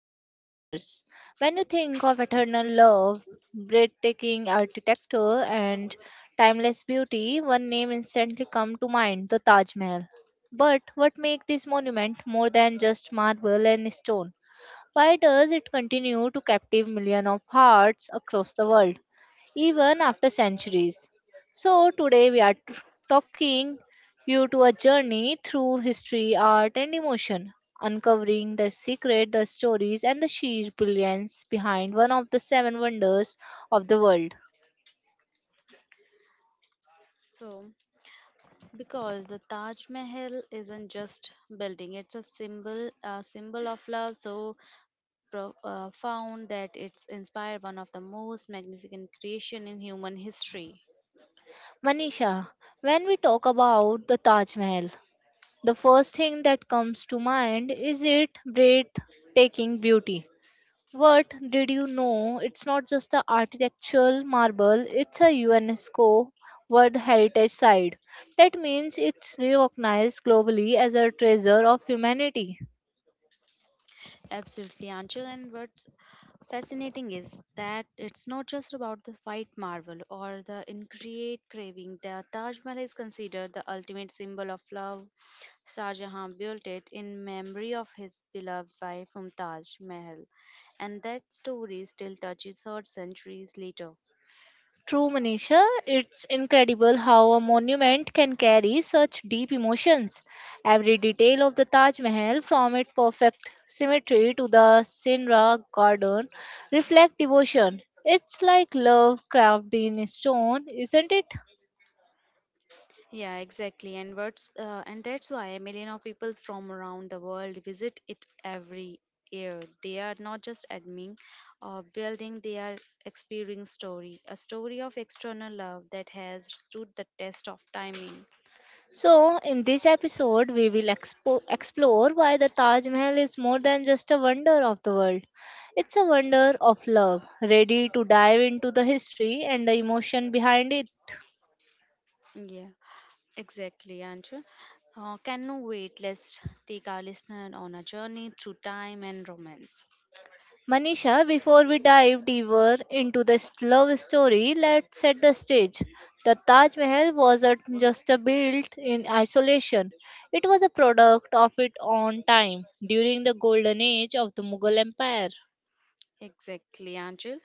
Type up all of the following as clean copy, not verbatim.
Behind Wonders. When you think of eternal love, breathtaking architecture, and timeless beauty, one name instantly comes to mind the Taj Mahal. But what makes this monument more than just marble and stone? Why does it continue to captive millions of hearts across the world, even after centuries? So, today we are talking you to a journey through history, art, and emotion, uncovering the secret, the stories, and the sheer brilliance behind one of the seven wonders of the world. So, because the Taj Mahal isn't just building, it's a symbol of love so profound that it's inspired one of the most magnificent creation in human history. Manisha, when we talk about the Taj Mahal, the first thing that comes to mind is its breathtaking beauty. What did you know? It's not just the architectural marble, it's a UNESCO World Heritage Site. That means it's recognized globally as a treasure of humanity. Absolutely, Anchal. And what's fascinating is that it's not just about the white marble or the ingrate craving. The Taj Mahal is considered the ultimate symbol of love. Shah Jahan built it in memory of his beloved wife Mumtaz Mahal, and that story still touches her centuries later. True, Manisha, it's incredible how a monument can carry such deep emotions. Every detail of the Taj Mahal, from its perfect symmetry to the Sinra garden, reflect devotion. It's like love carved in stone, isn't it? Yeah, exactly. And that's why a million of people from around the world visit it every year. They are not just admiring or building; they are experiencing story, a story of external love that has stood the test of timing. So, in this episode, we will explore why the Taj Mahal is more than just a wonder of the world. It's a wonder of love. Ready to dive into the history and the emotion behind it? Yeah, exactly, Anju. Can no wait. Let's take our listener on a journey through time and romance. Manisha, before we dive deeper into this love story, let's set the stage. The Taj Mahal wasn't just a built in isolation. It was a product of its own time during the golden age of the Mughal Empire. Exactly, Angel.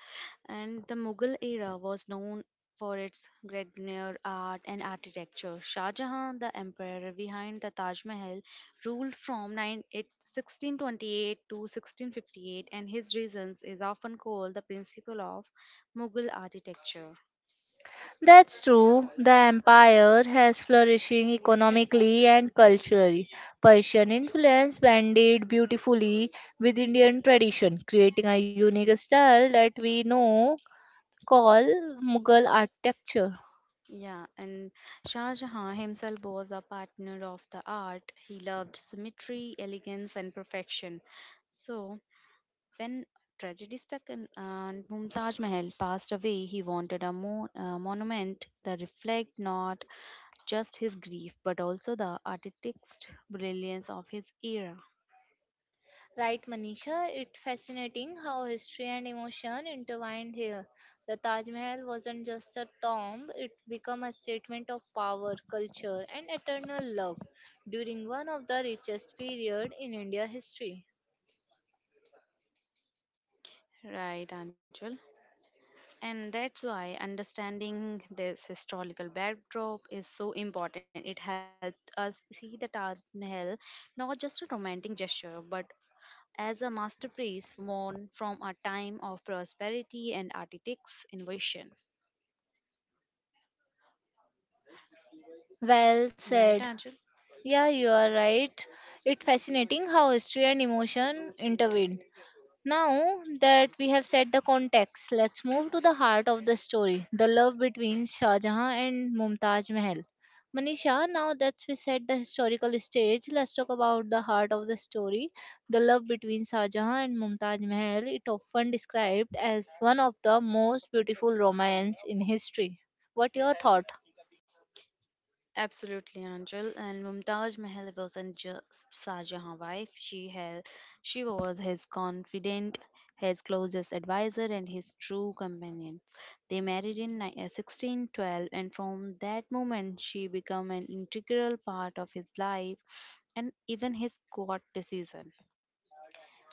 And the Mughal era was known for its Gregorian art and architecture. Shah Jahan, the emperor behind the Taj Mahal, ruled from 1628 to 1658, and his reasons is often called the principle of Mughal architecture. That's true. The empire has flourishing economically and culturally. Persian influence blended beautifully with Indian tradition, creating a unique style that we know call Mughal architecture. Yeah, and Shah Jahan himself was a partner of the art. He loved symmetry, elegance, and perfection. So, when tragedy struck and Mumtaj Mahal passed away, he wanted a monument that reflect not just his grief but also the artistic brilliance of his era. Right, Manisha? It's fascinating how history and emotion intertwined here. The Taj Mahal wasn't just a tomb, it became a statement of power, culture, and eternal love during one of the richest period in India history. Right, Anchal. And that's why understanding this historical backdrop is so important. It helps us see the Taj Mahal not just a romantic gesture, but as a masterpiece born from a time of prosperity and architect's innovation. Well Right, said. Anjul? Yeah, you are right. It's fascinating how history and emotion intervened. Now that we have set the context, let's move to the heart of the story the love between Shah Jahan and Mumtaz Mahal. Manisha, now that we set the historical stage, let's talk about the heart of the story. The love between Shah Jahan and Mumtaz Mahal, it often described as one of the most beautiful romance in history. What your thought? Absolutely, Anjul. And Mumtaj Mahal wasn't just Shah Jahan's wife. She was his confidant, his closest advisor, and his true companion. They married in 1612, and from that moment, she became an integral part of his life and even his court decision.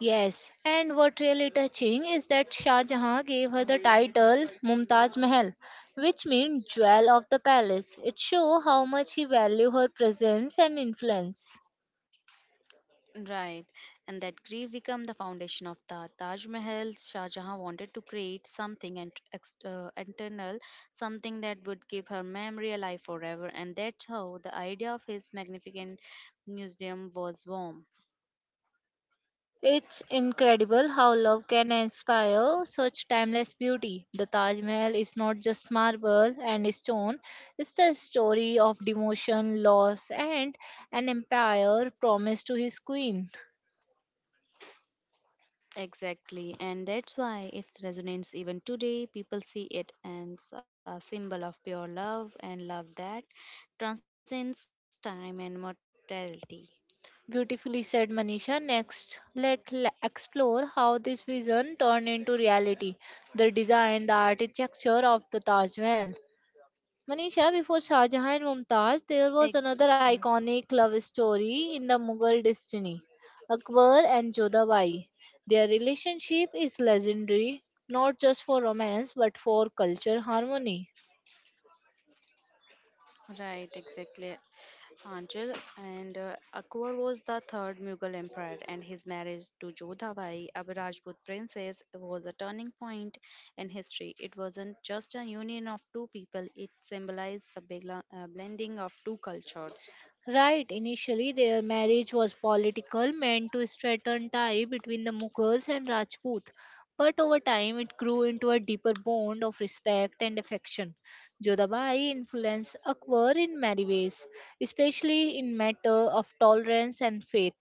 Yes, and what really touching is that Shah Jahan gave her the title Mumtaz Mahal, which means jewel of the palace. It shows how much he valued her presence and influence. Right, and that grief become the foundation of the Taj Mahal. Shah Jahan wanted to create something internal, something that would keep her memory alive forever, and that's how the idea of his magnificent museum was born. It's incredible how love can inspire such timeless beauty. The Taj Mahal is not just marble and stone, it's the story of devotion, loss, and an empire promised to his queen. Exactly, and that's why its resonance even today. People see it as a symbol of pure love and love that transcends time and mortality. Beautifully said, Manisha. Next, let's explore how this vision turned into reality. The design, the architecture of the Taj Mahal. Manisha, before Shah Jahan and Mumtaz, there was another Exactly. iconic love story in the Mughal destiny Akbar and Jodhabai. Their relationship is legendary, not just for romance but for culture harmony. Right, exactly, Anjal. And Akbar was the third Mughal emperor, and his marriage to Jodhabai, a Rajput princess, was a turning point in history. It wasn't just a union of two people; it symbolized the blending of two cultures. Right, initially their marriage was political, meant to strengthen tie between the Mughals and Rajput. But over time, it grew into a deeper bond of respect and affection. Jodhabai influenced Akbar in many ways, especially in matter of tolerance and faith.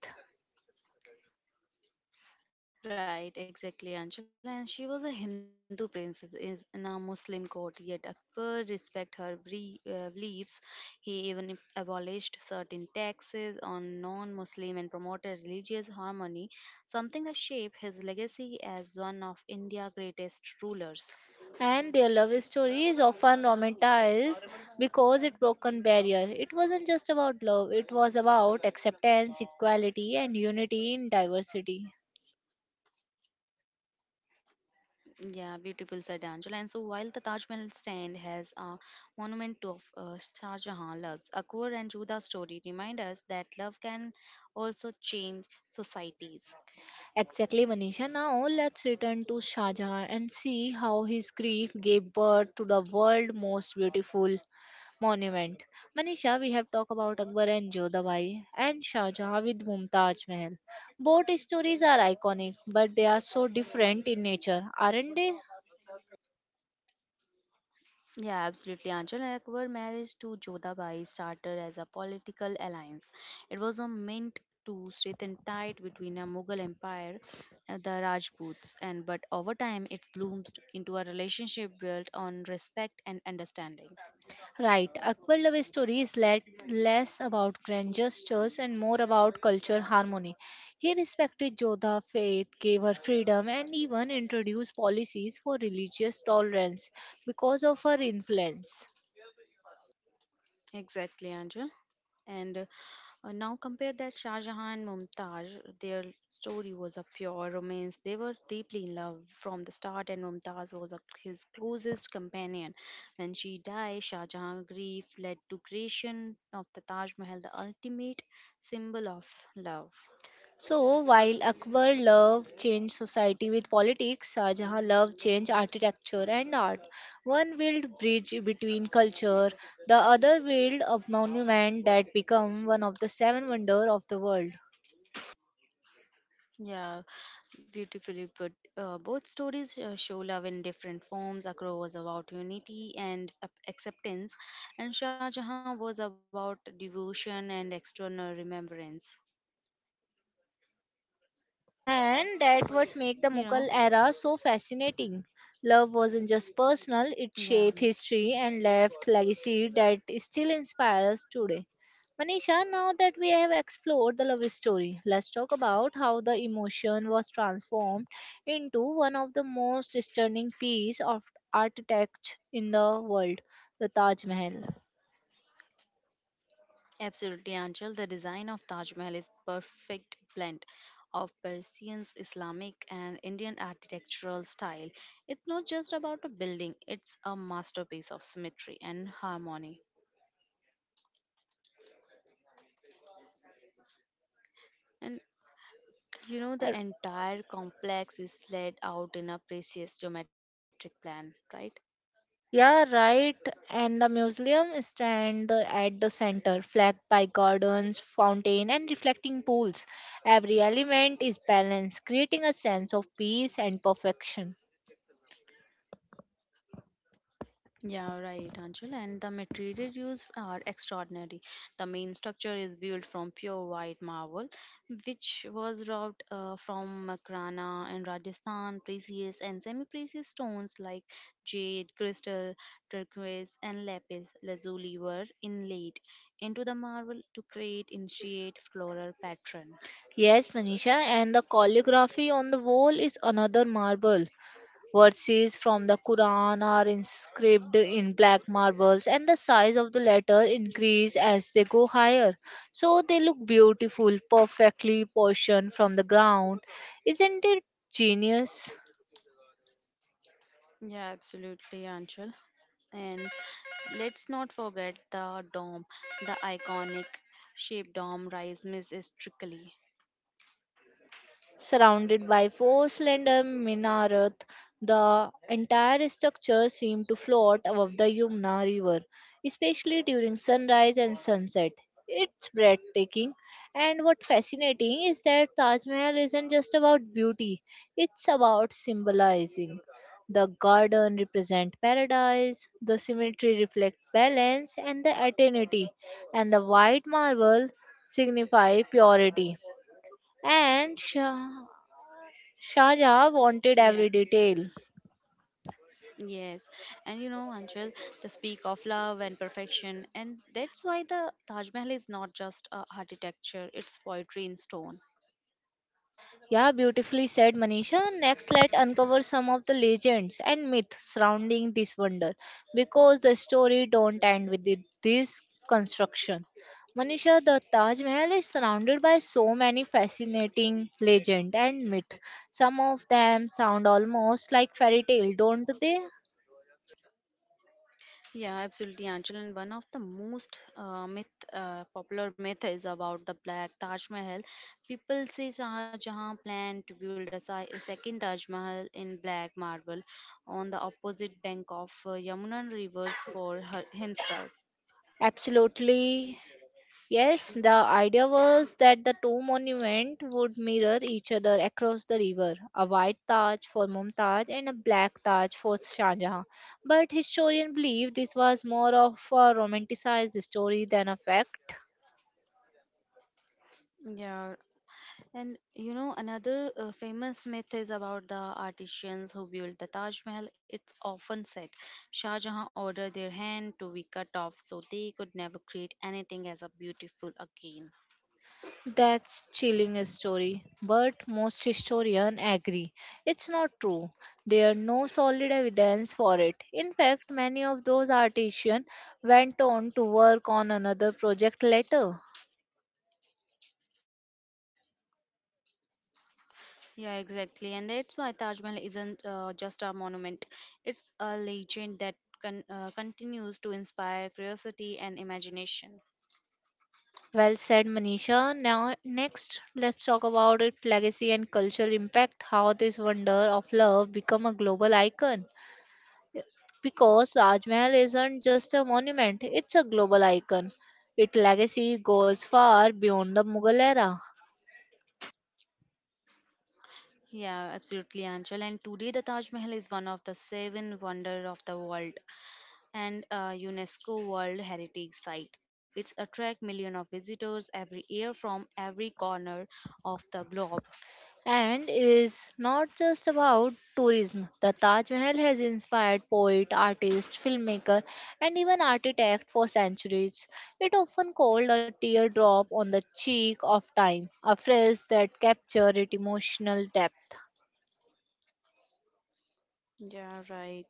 Right, exactly, Anjala. And she was a Hindu princess is in a Muslim court, yet Akbar respect her beliefs. He even abolished certain taxes on non-Muslim and promoted religious harmony, something that shaped his legacy as one of India's greatest rulers. And their love story is often romanticized because it broke a barrier. It wasn't just about love; it was about acceptance, equality, and unity in diversity. Yeah, beautiful said Angela. And so while the Taj Mahal stand has a monument to of Shah Jahan loves, Akbar and Juda's story remind us that love can also change societies. Exactly, Manisha. Now let's return to Shah Jahan and see how his grief gave birth to the world's most beautiful monument. Manisha, we have talked about Akbar and Jodhabai and Shah Jahan with Mumtaz Mahal. Both stories are iconic, but they are so different in nature, aren't they? Yeah, absolutely. Angela and Akbar marriage to Jodhabai started as a political alliance. It was a meant to strengthen tie between a Mughal empire, the Rajputs, and but over time it bloomed into a relationship built on respect and understanding. Right, Akbar Love story is less about grand gestures and more about culture harmony. He respected Jodha faith, gave her freedom, and even introduced policies for religious tolerance because of her influence. Exactly, Anja. And Now compare that Shah Jahan and Mumtaz. Their story was a pure romance. They were deeply in love from the start, and Mumtaz was a, his closest companion. When she died, Shah Jahan's grief led to creation of the Taj Mahal, the ultimate symbol of love. So, while Akbar Love changed society with politics, Shah Jahan Love changed architecture and art. One built bridge between culture, the other built a monument that became one of the seven wonders of the world. Yeah, beautifully put. Both stories show love in different forms. Akbar was about unity and acceptance, and Shah Jahan was about devotion and external remembrance. And that what make the You know, Mughal era so fascinating. Love wasn't just personal, it yeah, shaped history and left legacy that still inspires today. Manisha, now that we have explored the love story, let's talk about how the emotion was transformed into one of the most stunning piece of architecture in the world, the Taj Mahal. absolutely, Anchal. The design of Taj Mahal is perfect blend of Persians, Islamic, and Indian architectural style. It's not just about a building; it's a masterpiece of symmetry and harmony. And you know, the entire complex is laid out in a precise geometric plan, right? Yeah, right. And the museum stand at the center, flanked by gardens, fountain, and reflecting pools. Every element is balanced, creating a sense of peace and perfection. Yeah, right, Anjul. And the material used are extraordinary. The main structure is built from pure white marble, which was wrought from Makrana in Rajasthan, precious and semi-precious stones like jade, crystal, turquoise, and lapis lazuli were inlaid into the marble to create intricate floral pattern. Yes, Manisha, and the calligraphy on the wall is another marvel. Verses from the Quran are inscribed in black marbles, and the size of the letter increase as they go higher. So they look beautiful, perfectly portioned from the ground. Isn't it genius? Yeah, absolutely, Anchal. And let's not forget the dome, the iconic shaped dome rise majestically. Surrounded by four slender minarets, the entire structure seemed to float above the Yamuna River, especially during sunrise and sunset. It's breathtaking, and what fascinating is that Taj Mahal isn't just about beauty; it's about symbolizing. The garden represents paradise, the symmetry reflects balance and the eternity, and the white marble signify purity. And Shah wanted Yeah. every detail. Yes. And you know, Anchal, the speak of love and perfection. And that's why the Taj Mahal is not just a architecture, it's poetry in stone. Yeah, beautifully said Manisha. Next, let's uncover some of the legends and myths surrounding this wonder because the story don't end with this construction. Manisha, the Taj Mahal is surrounded by so many fascinating legend and myth. Some of them sound almost like fairy tale, don't they? Yeah, absolutely, Anchal. And one of the most popular myth is about the black Taj Mahal. People say Shahjahan planned to build a, a second Taj Mahal in black marble on the opposite bank of Yamuna rivers for her, himself. Absolutely. Yes, the idea was that the two monuments would mirror each other across the river, a white Taj for Mumtaz and a black Taj for Shah Jahan. But historians believe this was more of a romanticized story than a fact. Yeah, and you know, another famous myth is about the artisans who built the Taj Mahal. It's often said Shah Jahan ordered their hand to be cut off so they could never create anything as a beautiful again. That's chilling a story, but most historians agree it's not true. There are no solid evidence for it. In fact, many of those artisans went on to work on another project later. Yeah, exactly. And that's why Taj Mahal isn't just a monument, it's a legend that continues to inspire curiosity and imagination. Well said, Manisha. Now, next, let's talk about its legacy and cultural impact. How this wonder of love become a global icon? Because Taj Mahal isn't just a monument; it's a global icon. Its legacy goes far beyond the Mughal era. Yeah, absolutely, Anchal. And today, the Taj Mahal is one of the seven wonders of the world and a UNESCO World Heritage Site. It attracts millions of visitors every year from every corner of the globe. And is not just about tourism. The Taj Mahal has inspired poet, artist, filmmaker, and even architect for centuries. It often called a teardrop on the cheek of time, a phrase that captures its emotional depth. Yeah, right.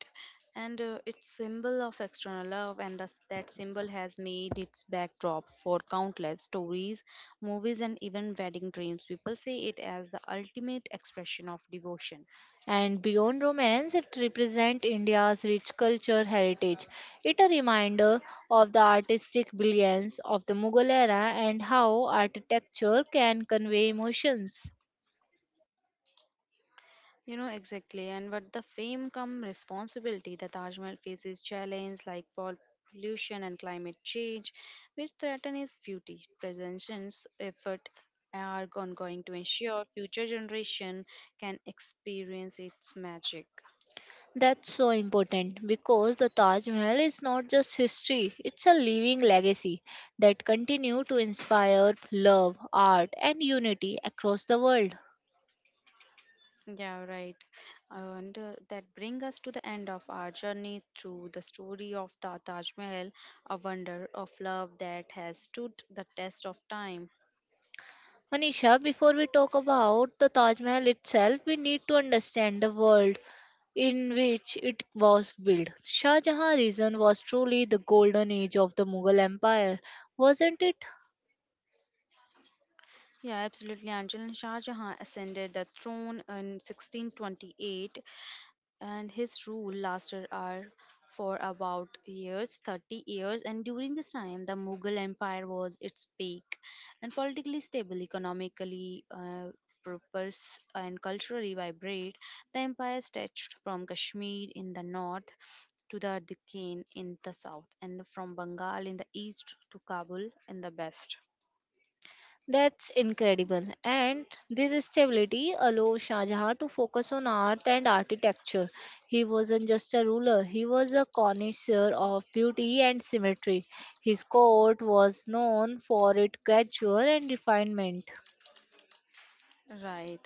And It's symbol of external love, and thus that symbol has made its backdrop for countless stories, movies, and even wedding dreams. People say it as the ultimate expression of devotion. And beyond romance, it represents India's rich culture heritage. It a reminder of the artistic brilliance of the Mughal era and how architecture can convey emotions. You know exactly, and but the fame come responsibility. The Taj Mahal faces challenges like pollution and climate change, which threaten its beauty. Preservation's effort are ongoing to ensure future generation can experience its magic. That's so important because the Taj Mahal is not just history, it's a living legacy that continue to inspire love, art and unity across the world. Yeah, right. And That brings us to the end of our journey through the story of the Taj Mahal, a wonder of love that has stood the test of time. Manisha, before we talk about the Taj Mahal itself, we need to understand the world in which it was built. Shah Jahan region was truly the golden age of the Mughal Empire, wasn't it? Yeah, absolutely. Anjal and Shah Jahan ascended the throne in 1628, and his rule lasted are for about years, 30 years. And during this time, the Mughal Empire was its peak, and politically stable, economically prosperous, and culturally vibrant. The empire stretched from Kashmir in the north to the Deccan in the south, and from Bengal in the east to Kabul in the west. That's incredible. And this stability allowed Shah Jahan to focus on art and architecture. He wasn't just a ruler, he was a connoisseur of beauty and symmetry. His court was known for its grandeur and refinement. Right.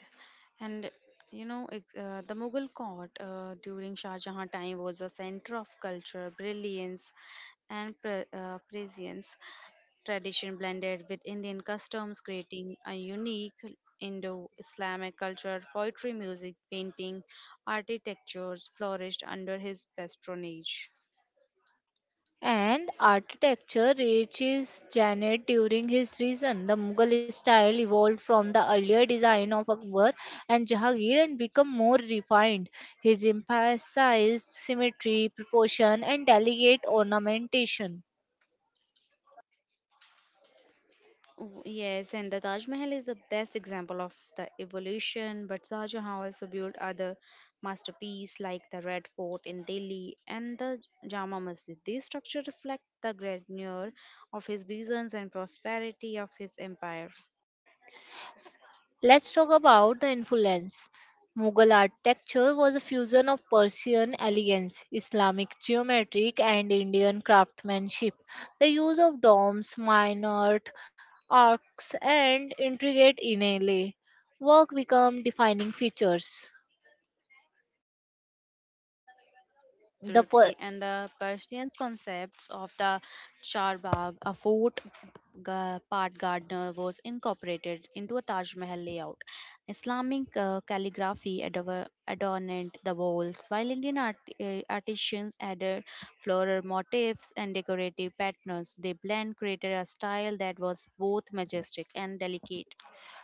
And you know, the Mughal court during Shah Jahan time was a center of culture, brilliance, and prescience. Tradition blended with Indian customs, creating a unique Indo Islamic culture. Poetry, music, painting, architectures flourished under his patronage. And architecture reaches Janet during his reign. The Mughal style evolved from the earlier design of Akbar and Jahangir and became more refined. His emphasized symmetry, proportion, and delicate ornamentation. Yes, and the Taj Mahal is the best example of the evolution, but Shah Jahan also built other masterpieces like the Red Fort in Delhi and the Jama Masjid. These structures reflect the grandeur of his visions and prosperity of his empire. Let's talk about the influence. Mughal architecture was a fusion of Persian elegance, Islamic geometric, and Indian craftsmanship. The use of domes, minarets, arcs, and intricate inlay work become defining features. The Absolutely. per- And the Persian concepts of the Charbagh, a fort part gardener, was incorporated into a Taj Mahal layout. Islamic calligraphy adorned the walls, while Indian artisans added floral motifs and decorative patterns. They blend created a style that was both majestic and delicate.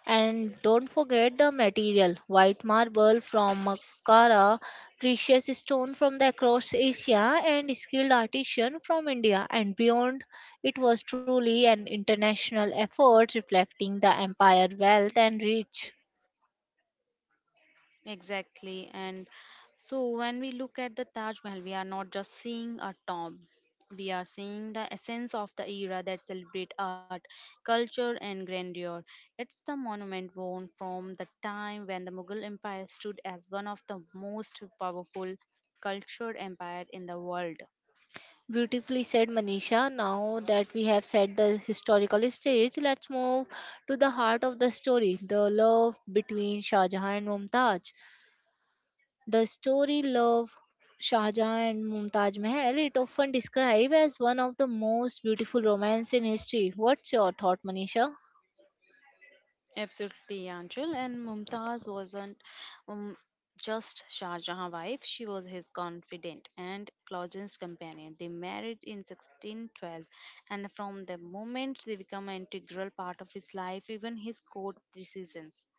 And don't forget the material white marble from Makara, precious stone from the across Asia, and skilled artisan from India and beyond. It was truly an international effort reflecting the empire wealth and reach. Exactly. And so when we look at the Taj Mahal, we are not just seeing a tomb. We are seeing the essence of the era that celebrate art, culture and grandeur. It's the monument born from the time when the Mughal Empire stood as one of the most powerful cultured empire in the world. Beautifully said, Manisha. Now that we have set the historical stage, let's move to the heart of the story the love between Shah Jahan and Mumtaz. The story love Shah Jahan and Mumtaz Mahal it often described as one of the most beautiful romance in history. What's your thought, Manisha? Absolutely, Angel. And Mumtaz wasn't um, just Shah Jahan's wife, she was his confidant and closest companion. They married in 1612, and from the moment they become an integral part of his life, even his court decisions.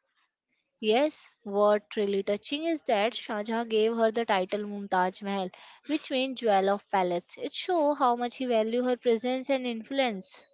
Yes, what really touching is that Shah Jahan gave her the title Mumtaz Mahal, which means jewel of palace. It shows how much he valued her presence and influence.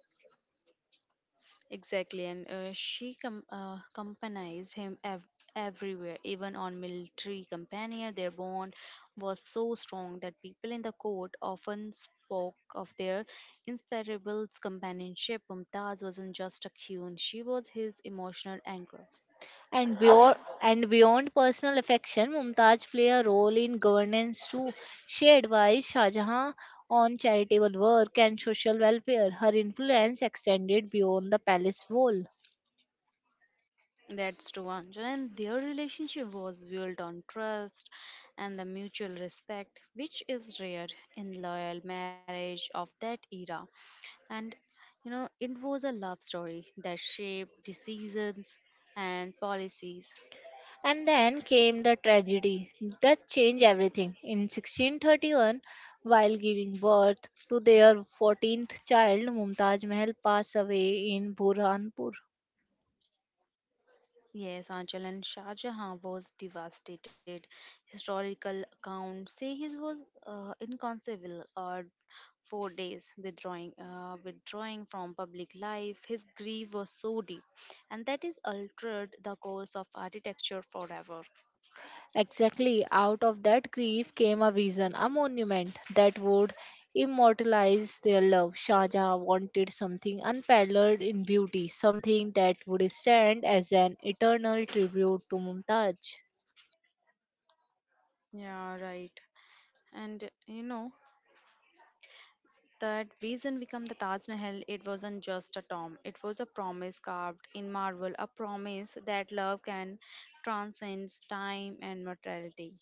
Exactly, and accompanies him everywhere, even on military companion. Their bond was so strong that people in the court often spoke of their inseparable companionship. Mumtaz wasn't just a queen; she was his emotional anchor. And beyond, and beyond personal affection, Mumtaz played a role in governance too. She advised Shah Jahan on charitable work and social welfare. Her influence extended beyond the palace wall. That's true, Anjan. And their relationship was built on trust and the mutual respect, which is rare in loyal marriage of that era. And you know, it was a love story that shaped decisions and policies. And then came the tragedy that changed everything. In 1631, while giving birth to their 14th child, Mumtaz Mahal passed away in Burhanpur. Yes, Anchal and Shah Jahan was devastated. Historical accounts say he was inconceivable or 4 days withdrawing from public life his grief was so deep and that is altered the course of architecture forever. Exactly, out of that grief came a vision, a monument that would immortalize their love. Shah Jahan wanted something unparalleled in beauty, something that would stand as an eternal tribute to Mumtaz. Yeah, right. And you know, That vision became the Taj Mahal. It wasn't just a tomb, it was a promise carved in marble, a promise that love can transcend time and mortality.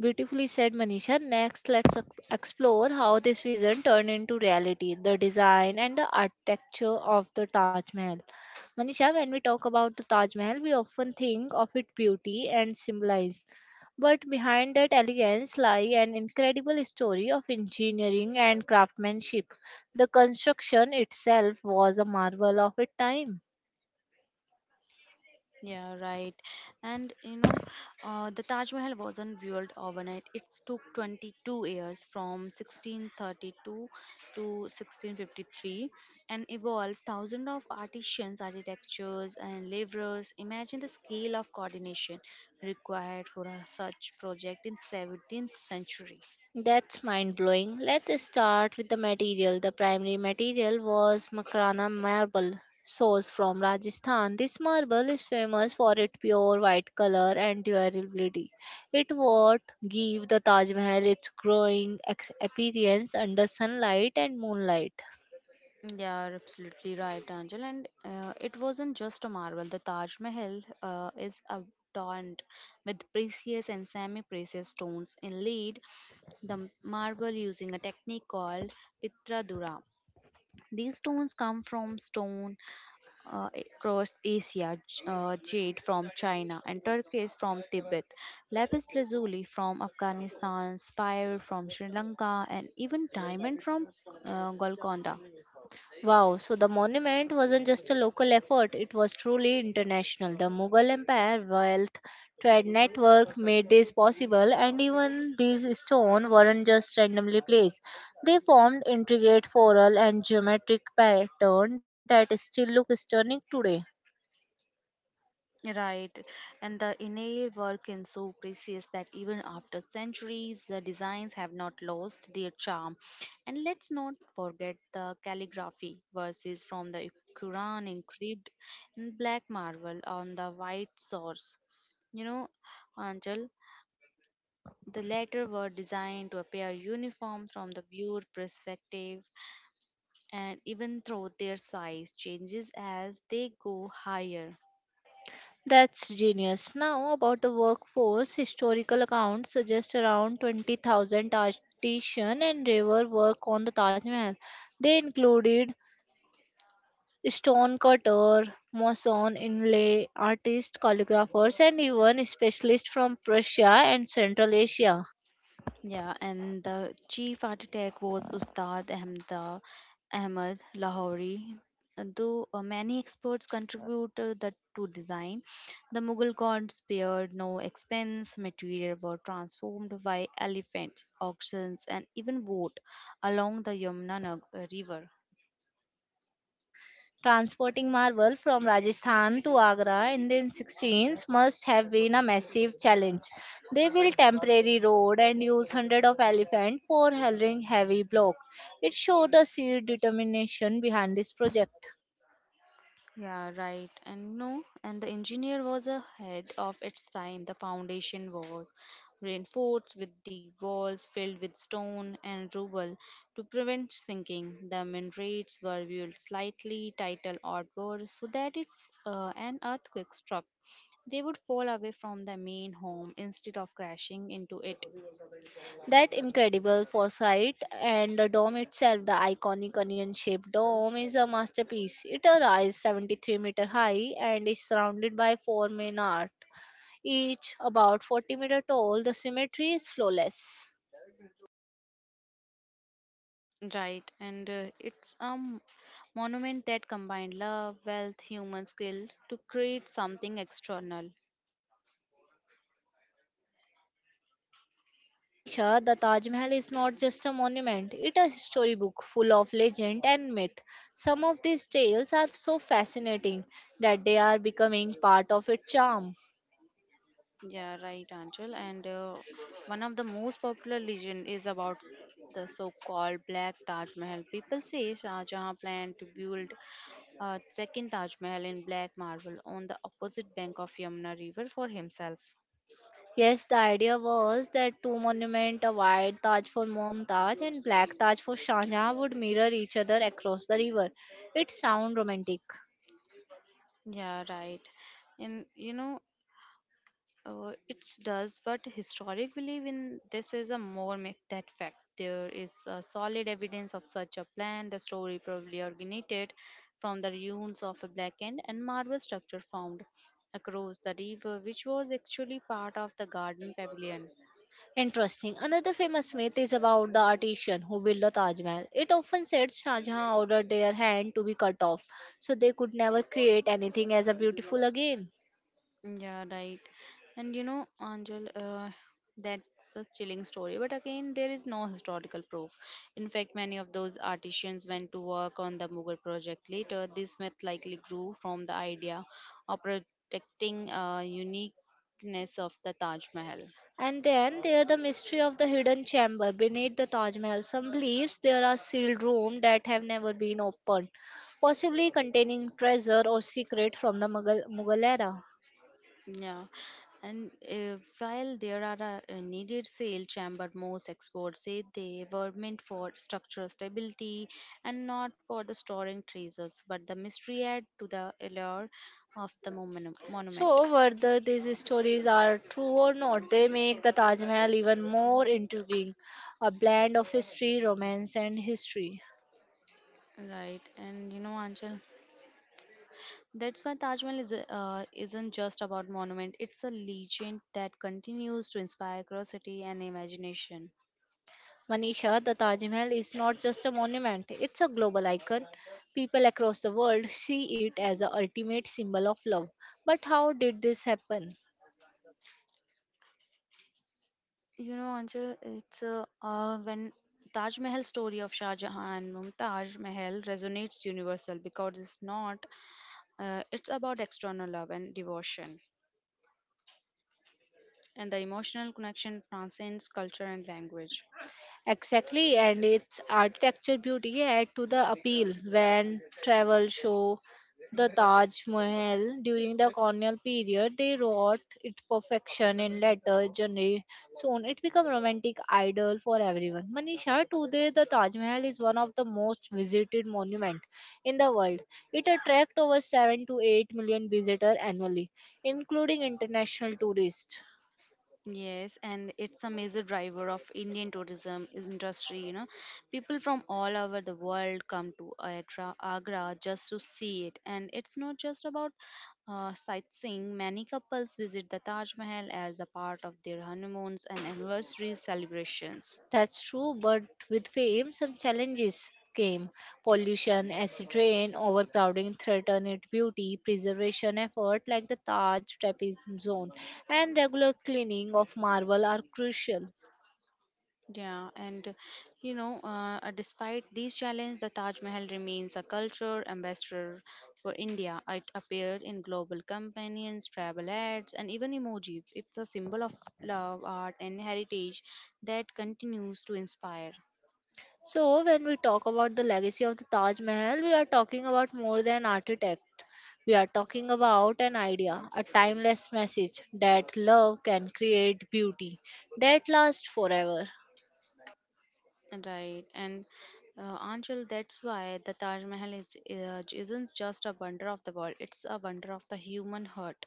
Beautifully said, Manisha. Next, let's explore how this vision turned into reality, the design and the architecture of the Taj Mahal. Manisha, when we talk about the Taj Mahal, we often think of its beauty and symbolism. But behind that elegance lie an incredible story of engineering and craftsmanship. The construction itself was a marvel of its time. Yeah, right. And you know, the Taj Mahal wasn't built overnight. It took 22 years from 1632 to 1653 and evolved thousands of artisans, architectures, and laborers. Imagine the scale of coordination required for a such project in 17th century. That's mind blowing. Let's start with the material. The primary material was Makrana marble, sourced from Rajasthan. This marble is famous for its pure white color and durability. It what give the Taj Mahal its growing appearance under sunlight and moonlight. Yeah, you're absolutely right, Angel. And It wasn't just a marvel. The Taj Mahal is adorned with precious and semi-precious stones inlaid the marble using a technique called pitradura. These stones come from stone uh, across Asia, jade from China, and turquoise from Tibet, lapis lazuli from Afghanistan, fire from Sri Lanka, and even diamond from Golconda. Wow, so the monument wasn't just a local effort, it was truly international. The Mughal Empire wealth trade network made this possible, and even these stones weren't just randomly placed. They formed intricate floral and geometric pattern that still look stunning today. Right, and the inlaid work is so precious that even after centuries, the designs have not lost their charm. And let's not forget the calligraphy verses from the Quran engraved in black marble on the white source. You know, Angel, the latter were designed to appear uniform from the viewer perspective, and even though their size changes as they go higher. That's genius. Now, about the workforce, historical accounts suggest around 20,000 artisan and labor work on the Taj Mahal. They included stone cutter, mason, inlay artists, calligraphers, and even specialists from Prussia and Central Asia. Yeah, and the chief architect was Ustad Ahmad Lahori. Though many experts contribute the to design, the Mughal gods spared no expense. Material were transformed by elephants, auctions, and even boat along the Yamuna river. Transporting marble from Rajasthan to Agra in the 16th must have been a massive challenge. They built temporary road and used hundreds of elephants for hauling heavy block. It showed the sheer determination behind this project. Yeah, right. And no, and the engineer was ahead of its time. The foundation was reinforced with deep walls filled with stone and rubble to prevent sinking. The minarets were built slightly tighter outward so that if an earthquake struck, they would fall away from the main home instead of crashing into it. That incredible foresight and the dome itself, the iconic onion shaped dome, is a masterpiece. It rises 73-meter high and is surrounded by four main arcs, each about 40-meter tall. The symmetry is flawless. Right, and it's a monument that combined love, wealth, human skill to create something external. Manisha, the Taj Mahal is not just a monument, it is a storybook full of legend and myth. Some of these tales are so fascinating that they are becoming part of its charm. Yeah, right, Anchal. And one of the most popular legend is about the so-called Black Taj Mahal. People say Shah Jahan planned to build a second Taj Mahal in black marble on the opposite bank of Yamuna River for himself. Yes, the idea was that two monuments, a white Taj for Mumtaz and black Taj for Shah Jahan, would mirror each other across the river. It sounds romantic. Yeah, right. And you know, it does, but historic belief in this is a more myth than fact. There is a solid evidence of such a plan. The story probably originated from the ruins of a blackened and marble structure found across the river, which was actually part of the garden pavilion. Interesting. Another famous myth is about the artisan who built the Taj Mahal. It often said Shah Jahan ordered their hand to be cut off, so they could never create anything as a beautiful again. Yeah, right. And you know, Anjal, that's a chilling story. But again, there is no historical proof. In fact, many of those artisans went to work on the Mughal project later. This myth likely grew from the idea of protecting uniqueness of the Taj Mahal. And then there the mystery of the hidden chamber beneath the Taj Mahal. Some believes there are sealed rooms that have never been opened, possibly containing treasure or secret from the Mughal era. Yeah, and while there are a needed sale chamber, most experts say they were meant for structural stability and not for the storing treasures, but the mystery add to the allure of the monument. So whether these stories are true or not, they make the Taj Mahal even more intriguing, a blend of history, romance and history. Right, and you know, Anchal, that's why Taj Mahal is isn't just about monument; it's a legend that continues to inspire curiosity and imagination. Manisha, the Taj Mahal is not just a monument, it's a global icon. People across the world see it as a ultimate symbol of love. But how did this happen? You know, Anjal, it's when Taj Mahal story of Shah Jahan and Mumtaz Mahal resonates universal because it's not, it's about external love and devotion, and the emotional connection transcends culture and language. Exactly, and its architecture beauty add to the appeal when travel show the Taj Mahal during the colonial period. They wrought its perfection in later generation. Soon it became romantic idol for everyone. Manisha, today the Taj Mahal is one of the most visited monument in the world. It attracts over 7 to 8 million visitors annually, including international tourists. Yes, and it's a major driver of Indian tourism industry. You know, people from all over the world come to Agra just to see it, and it's not just about sightseeing. Many couples visit the Taj Mahal as a part of their honeymoons and anniversary celebrations. That's true, but with fame, some challenges came. Pollution, acid rain, overcrowding threatened its beauty, preservation effort like the Taj Trapezium Zone, and regular cleaning of marble are crucial. Yeah, and you know, despite these challenges, the Taj Mahal remains a culture ambassador for India. It appeared in global companions, travel ads, and even emojis. It's a symbol of love, art, and heritage that continues to inspire. So, when we talk about the legacy of the Taj Mahal, we are talking about more than architect. We are talking about an idea, a timeless message that love can create beauty that lasts forever. Right, and Anshul, that's why the Taj Mahal isn't just a wonder of the world; it's a wonder of the human heart.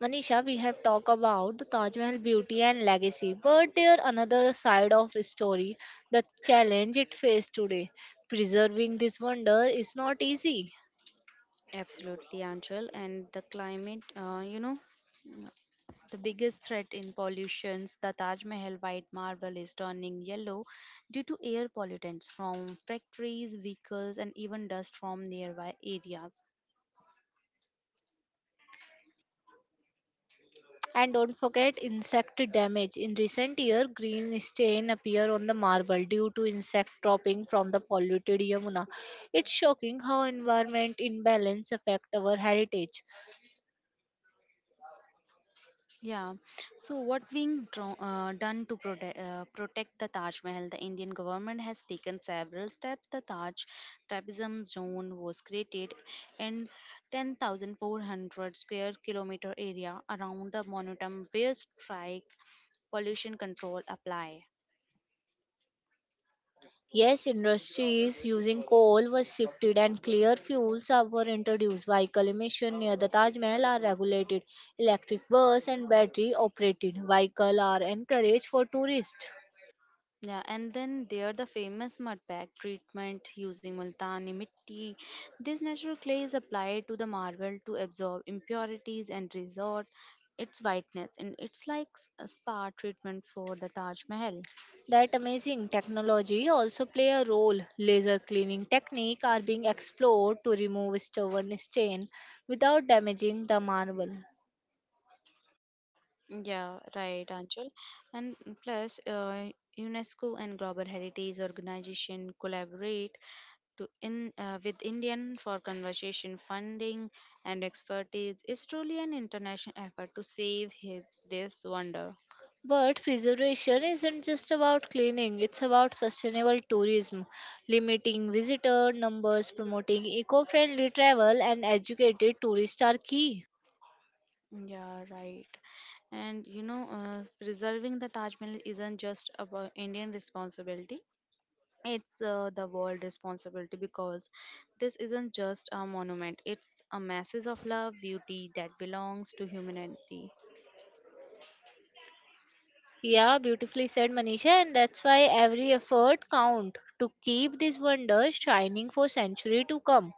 Manisha, we have talked about the Taj Mahal beauty and legacy, but there another side of the story, the challenge it faced today. Preserving this wonder is not easy. Absolutely, Anchal. And the climate, the biggest threat in pollutions, the Taj Mahal white marble is turning yellow due to air pollutants from factories, vehicles, and even dust from nearby areas. And don't forget insect damage. In recent year, green stain appear on the marble due to insect dropping from the polluted Yamuna. It's shocking how environment imbalance affect our heritage. Yeah. So, what being done to protect the Taj Mahal? The Indian government has taken several steps. The Taj Trapezium Zone was created in 10,400 square kilometer area around the monument where strike pollution control apply. Yes, industries using coal were shifted and were introduced. Vehicle emission near the Taj Mahal are regulated. Electric bus and battery operated vehicle are encouraged for tourists. Yeah, and then there the famous mud bag treatment using multani mitti. This natural clay is applied to the marble to absorb impurities and resort its whiteness, and it's like a spa treatment for the Taj Mahal. That amazing technology also play a role. Laser cleaning technique are being explored to remove stubborn stain without damaging the marble. Yeah, right, Anchal. And plus, UNESCO and Global Heritage Organization collaborate to in with Indian for conservation funding and expertise is truly an international effort to save this wonder. But preservation isn't just about cleaning, it's about sustainable tourism, limiting visitor numbers, promoting eco friendly travel, and educated tourists are key. Yeah, right. And you know, preserving the Taj Mahal isn't just about Indian responsibility. It's the world responsibility because this isn't just a monument, it's a message of love beauty that belongs to humanity. Yeah, beautifully said, Manisha, and that's why every effort counts to keep this wonder shining for century to come.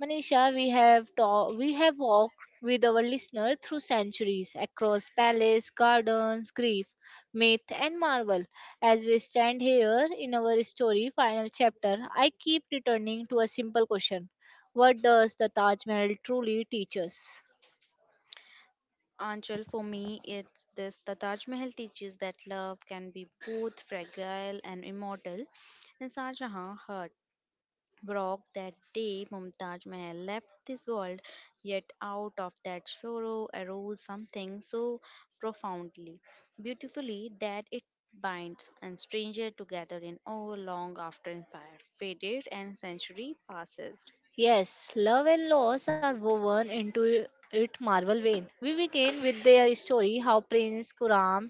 Manisha, we have walked with our listener through centuries across palace, gardens, grief, myth, and marvel. As we stand here in our story final chapter, I keep returning to a simple question: What does the Taj Mahal truly teach us? Anchal, for me, it's this. The Taj Mahal teaches that love can be both fragile and immortal. And Shah Jahan heart broke that day Mumtaj Mahal left this world, yet out of that sorrow arose something so profoundly, beautifully that it binds and stranger together in awe long after empire faded and century passed. Yes, love and loss are woven into it marvel vein. We begin with their story how Prince Kuram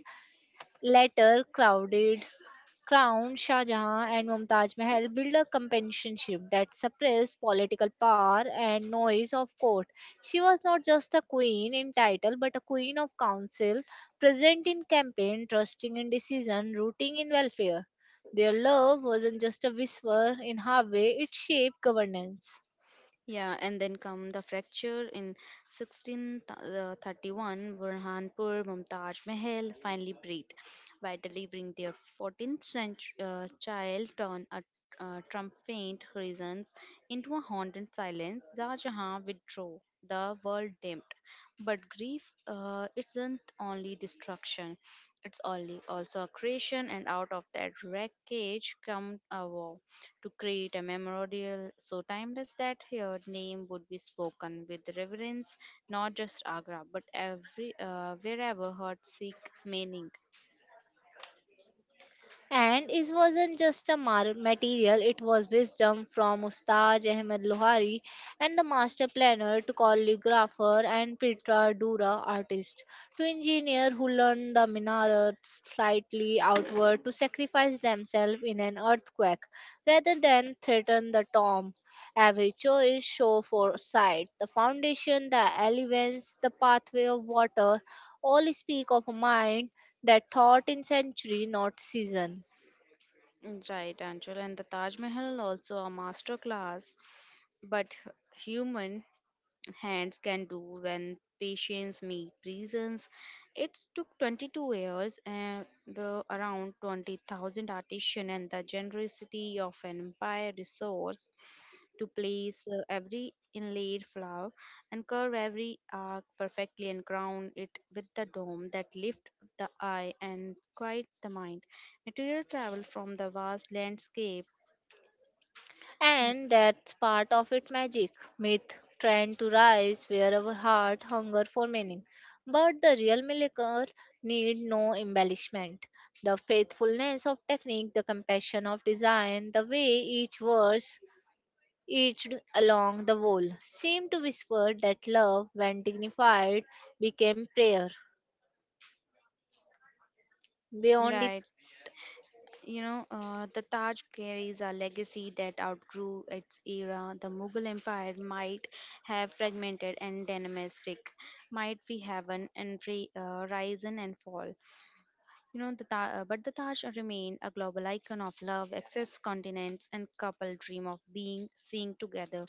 later crowded Crown Shah Jahan and Mumtaz Mahal built a companionship that suppressed political power and noise of court. She was not just a queen in title but a queen of council, present in campaign, trusting in decision, rooting in welfare. Their love wasn't just a whisper in Harvey, it shaped governance. Yeah, and then come the fracture in 1631, where Hanpur, Mumtaj Mahal finally breathed by delivering their 14th century, child on a triumphant horizons into a haunted silence. Shah Jahan withdrew, the world dimmed. But grief isn't only destruction; it's only also a creation, and out of that wreckage come a war to create a memorial so timeless that her name would be spoken with reverence, not just Agra, but every wherever her Sikh meaning. And it wasn't just a material, it was wisdom from Ustad Ahmed Lohari and the master planner to calligrapher and Petra Dura artist to engineer who learned the minaret slightly outward to sacrifice themselves in an earthquake rather than threaten the tomb. Every choice show for sight, the foundation, the elements, the pathway of water, all speak of a mind that thought in century, not season. Right, Anjul, and the Taj Mahal also a master class, but human hands can do when patients meet reasons. It took 22 years and the around 20,000 artisans and the generosity of an empire resource to place every inlaid flower and curve every arc perfectly and crown it with the dome that lift the eye and quiet the mind. Material travel from the vast landscape, And that's part of it magic. Myth trying to rise where our heart hunger for meaning. But the real miracle need no embellishment. The faithfulness of technique, the compassion of design, the way each verse etched along the wall seemed to whisper that love, when dignified, became prayer. Beyond it. right? You know, the Taj carries a legacy that outgrew its era. The Mughal Empire might have fragmented and dynastic, might we have an and risen and fall. You know, the but the Taj remain a global icon of love, excess continents, and couple dream of being seen together.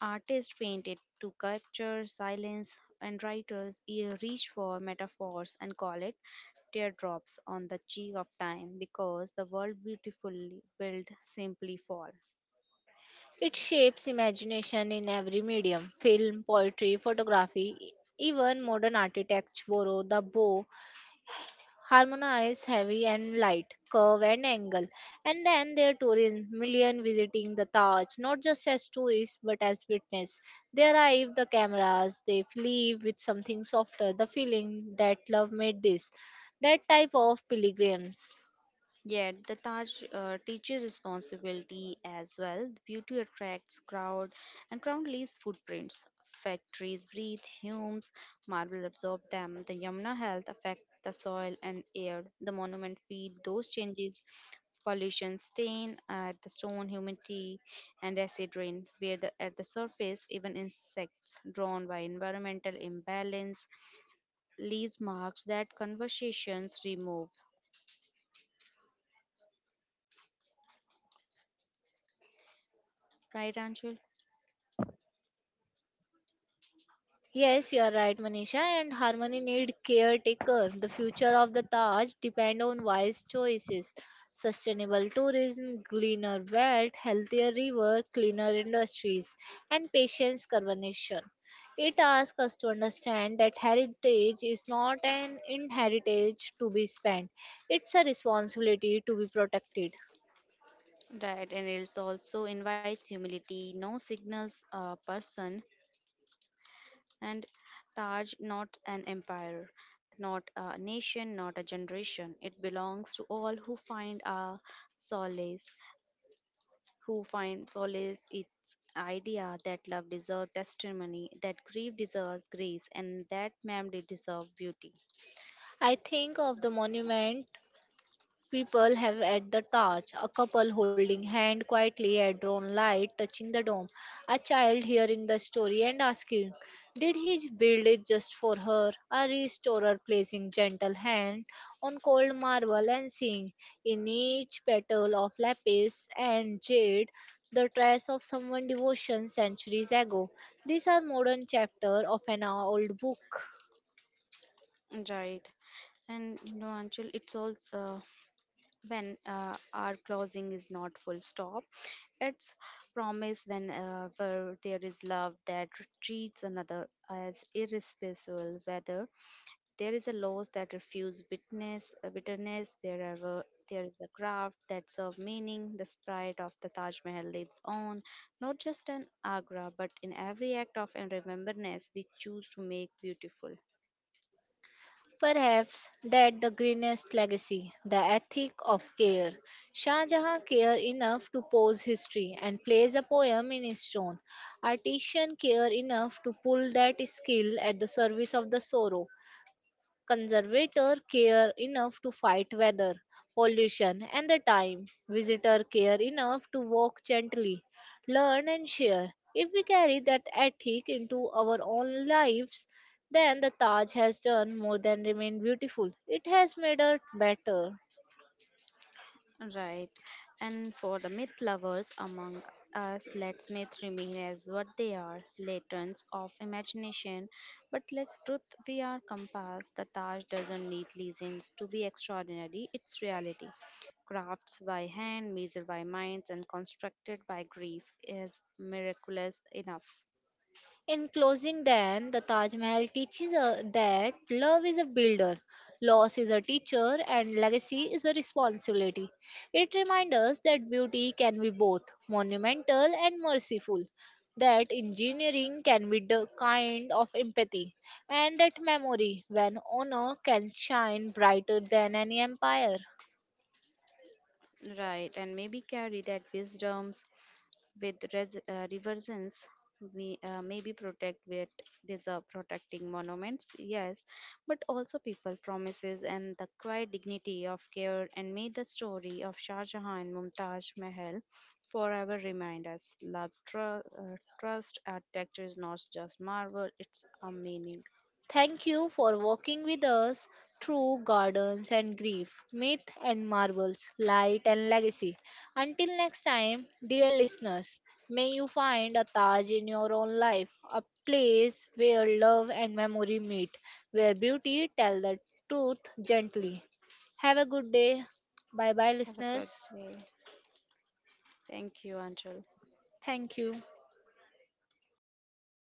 Artists painted to capture silence, and writers reach for metaphors and call it teardrops on the cheek of time because the world beautifully built simply fall. It shapes imagination in every medium film, poetry, photography, even modern architects borrow the bow, harmonize heavy and light, curve and angle. And then there are tourism, million visiting the Taj, not just as tourists but as witness. They arrive the cameras, they leave with something softer, the feeling that love made this, that type of pilgrims. Yet the Taj teaches responsibility as well. The beauty attracts crowd, and crowd leaves footprints. Factories breathe fumes, marble absorb them. The Yamuna health affect the soil and air. The monument feed those changes. Pollution stain at the stone, humidity, and acid rain. Where at the surface, even insects drawn by environmental imbalance leaves marks that conversations remove. Right, Anjul? Yes, you are right, Manisha. And harmony need caretaker. The future of the Taj depend on wise choices, sustainable tourism, greener wealth, healthier river, cleaner industries, and patience conservation. It asks us to understand that heritage is not an inheritance to be spent; it's a responsibility to be protected. Right, and it also invites humility, no signals a person, and Taj not an empire, not a nation, not a generation. It belongs to all who solace, who find solace its idea that love deserves testimony, that grief deserves grace, and that memory deserves beauty. I think of the monument. People have at the torch, a couple holding hand quietly at drawn light touching the dome, a child hearing the story and asking, did he build it just for her? A restorer placing gentle hand on cold marble and seeing in each petal of lapis and jade the trace of someone's devotion centuries ago. These are modern chapter of an old book. Right, and you know, Anshul, it's all. When our closing is not full stop, it's promise when where there is love that treats another as irresponsible, whether there is a loss that refuse witness bitterness, wherever there is a craft that serve meaning, the sprite of the Taj Mahal lives on, not just in Agra, but in every act of and remembrance we choose to make beautiful. Perhaps that the greenest legacy, the ethic of care. Shah Jahan cared enough to pose history and place a poem in his stone. Artisan cared enough to pull that skill at the service of the sorrow. Conservator care enough to fight weather, pollution, and the time. Visitor care enough to walk gently, learn, and share. If we carry that ethic into our own lives, then the Taj has done more than remain beautiful. It has made us better. Right. And for the myth lovers among us, let myths remain as what they are, lanterns of imagination. But let truth be our compass. The Taj doesn't need legends to be extraordinary, it's reality. Crafts by hand, measured by minds, and constructed by grief is miraculous enough. In closing, then, the Taj Mahal teaches us that love is a builder, loss is a teacher, and legacy is a responsibility. It reminds us that beauty can be both monumental and merciful, that engineering can be the kind of empathy, and that memory, when honor, can shine brighter than any empire. Right, and maybe carry that wisdoms with reversions we maybe protect with deserve protecting monuments, yes, but also people promises and the quiet dignity of care. And may the story of Shah Jahan and Mumtaz Mahal forever remind us love trust architecture is not just marble, it's a meaning. Thank you for walking with us through gardens and grief, myth and marvels, light and legacy. Until next time, dear listeners, may you find a Taj in your own life, a place where love and memory meet, where beauty tells the truth gently. Have a good day. Bye Have bye, a good listeners. day. Thank you, Anjal. Thank you.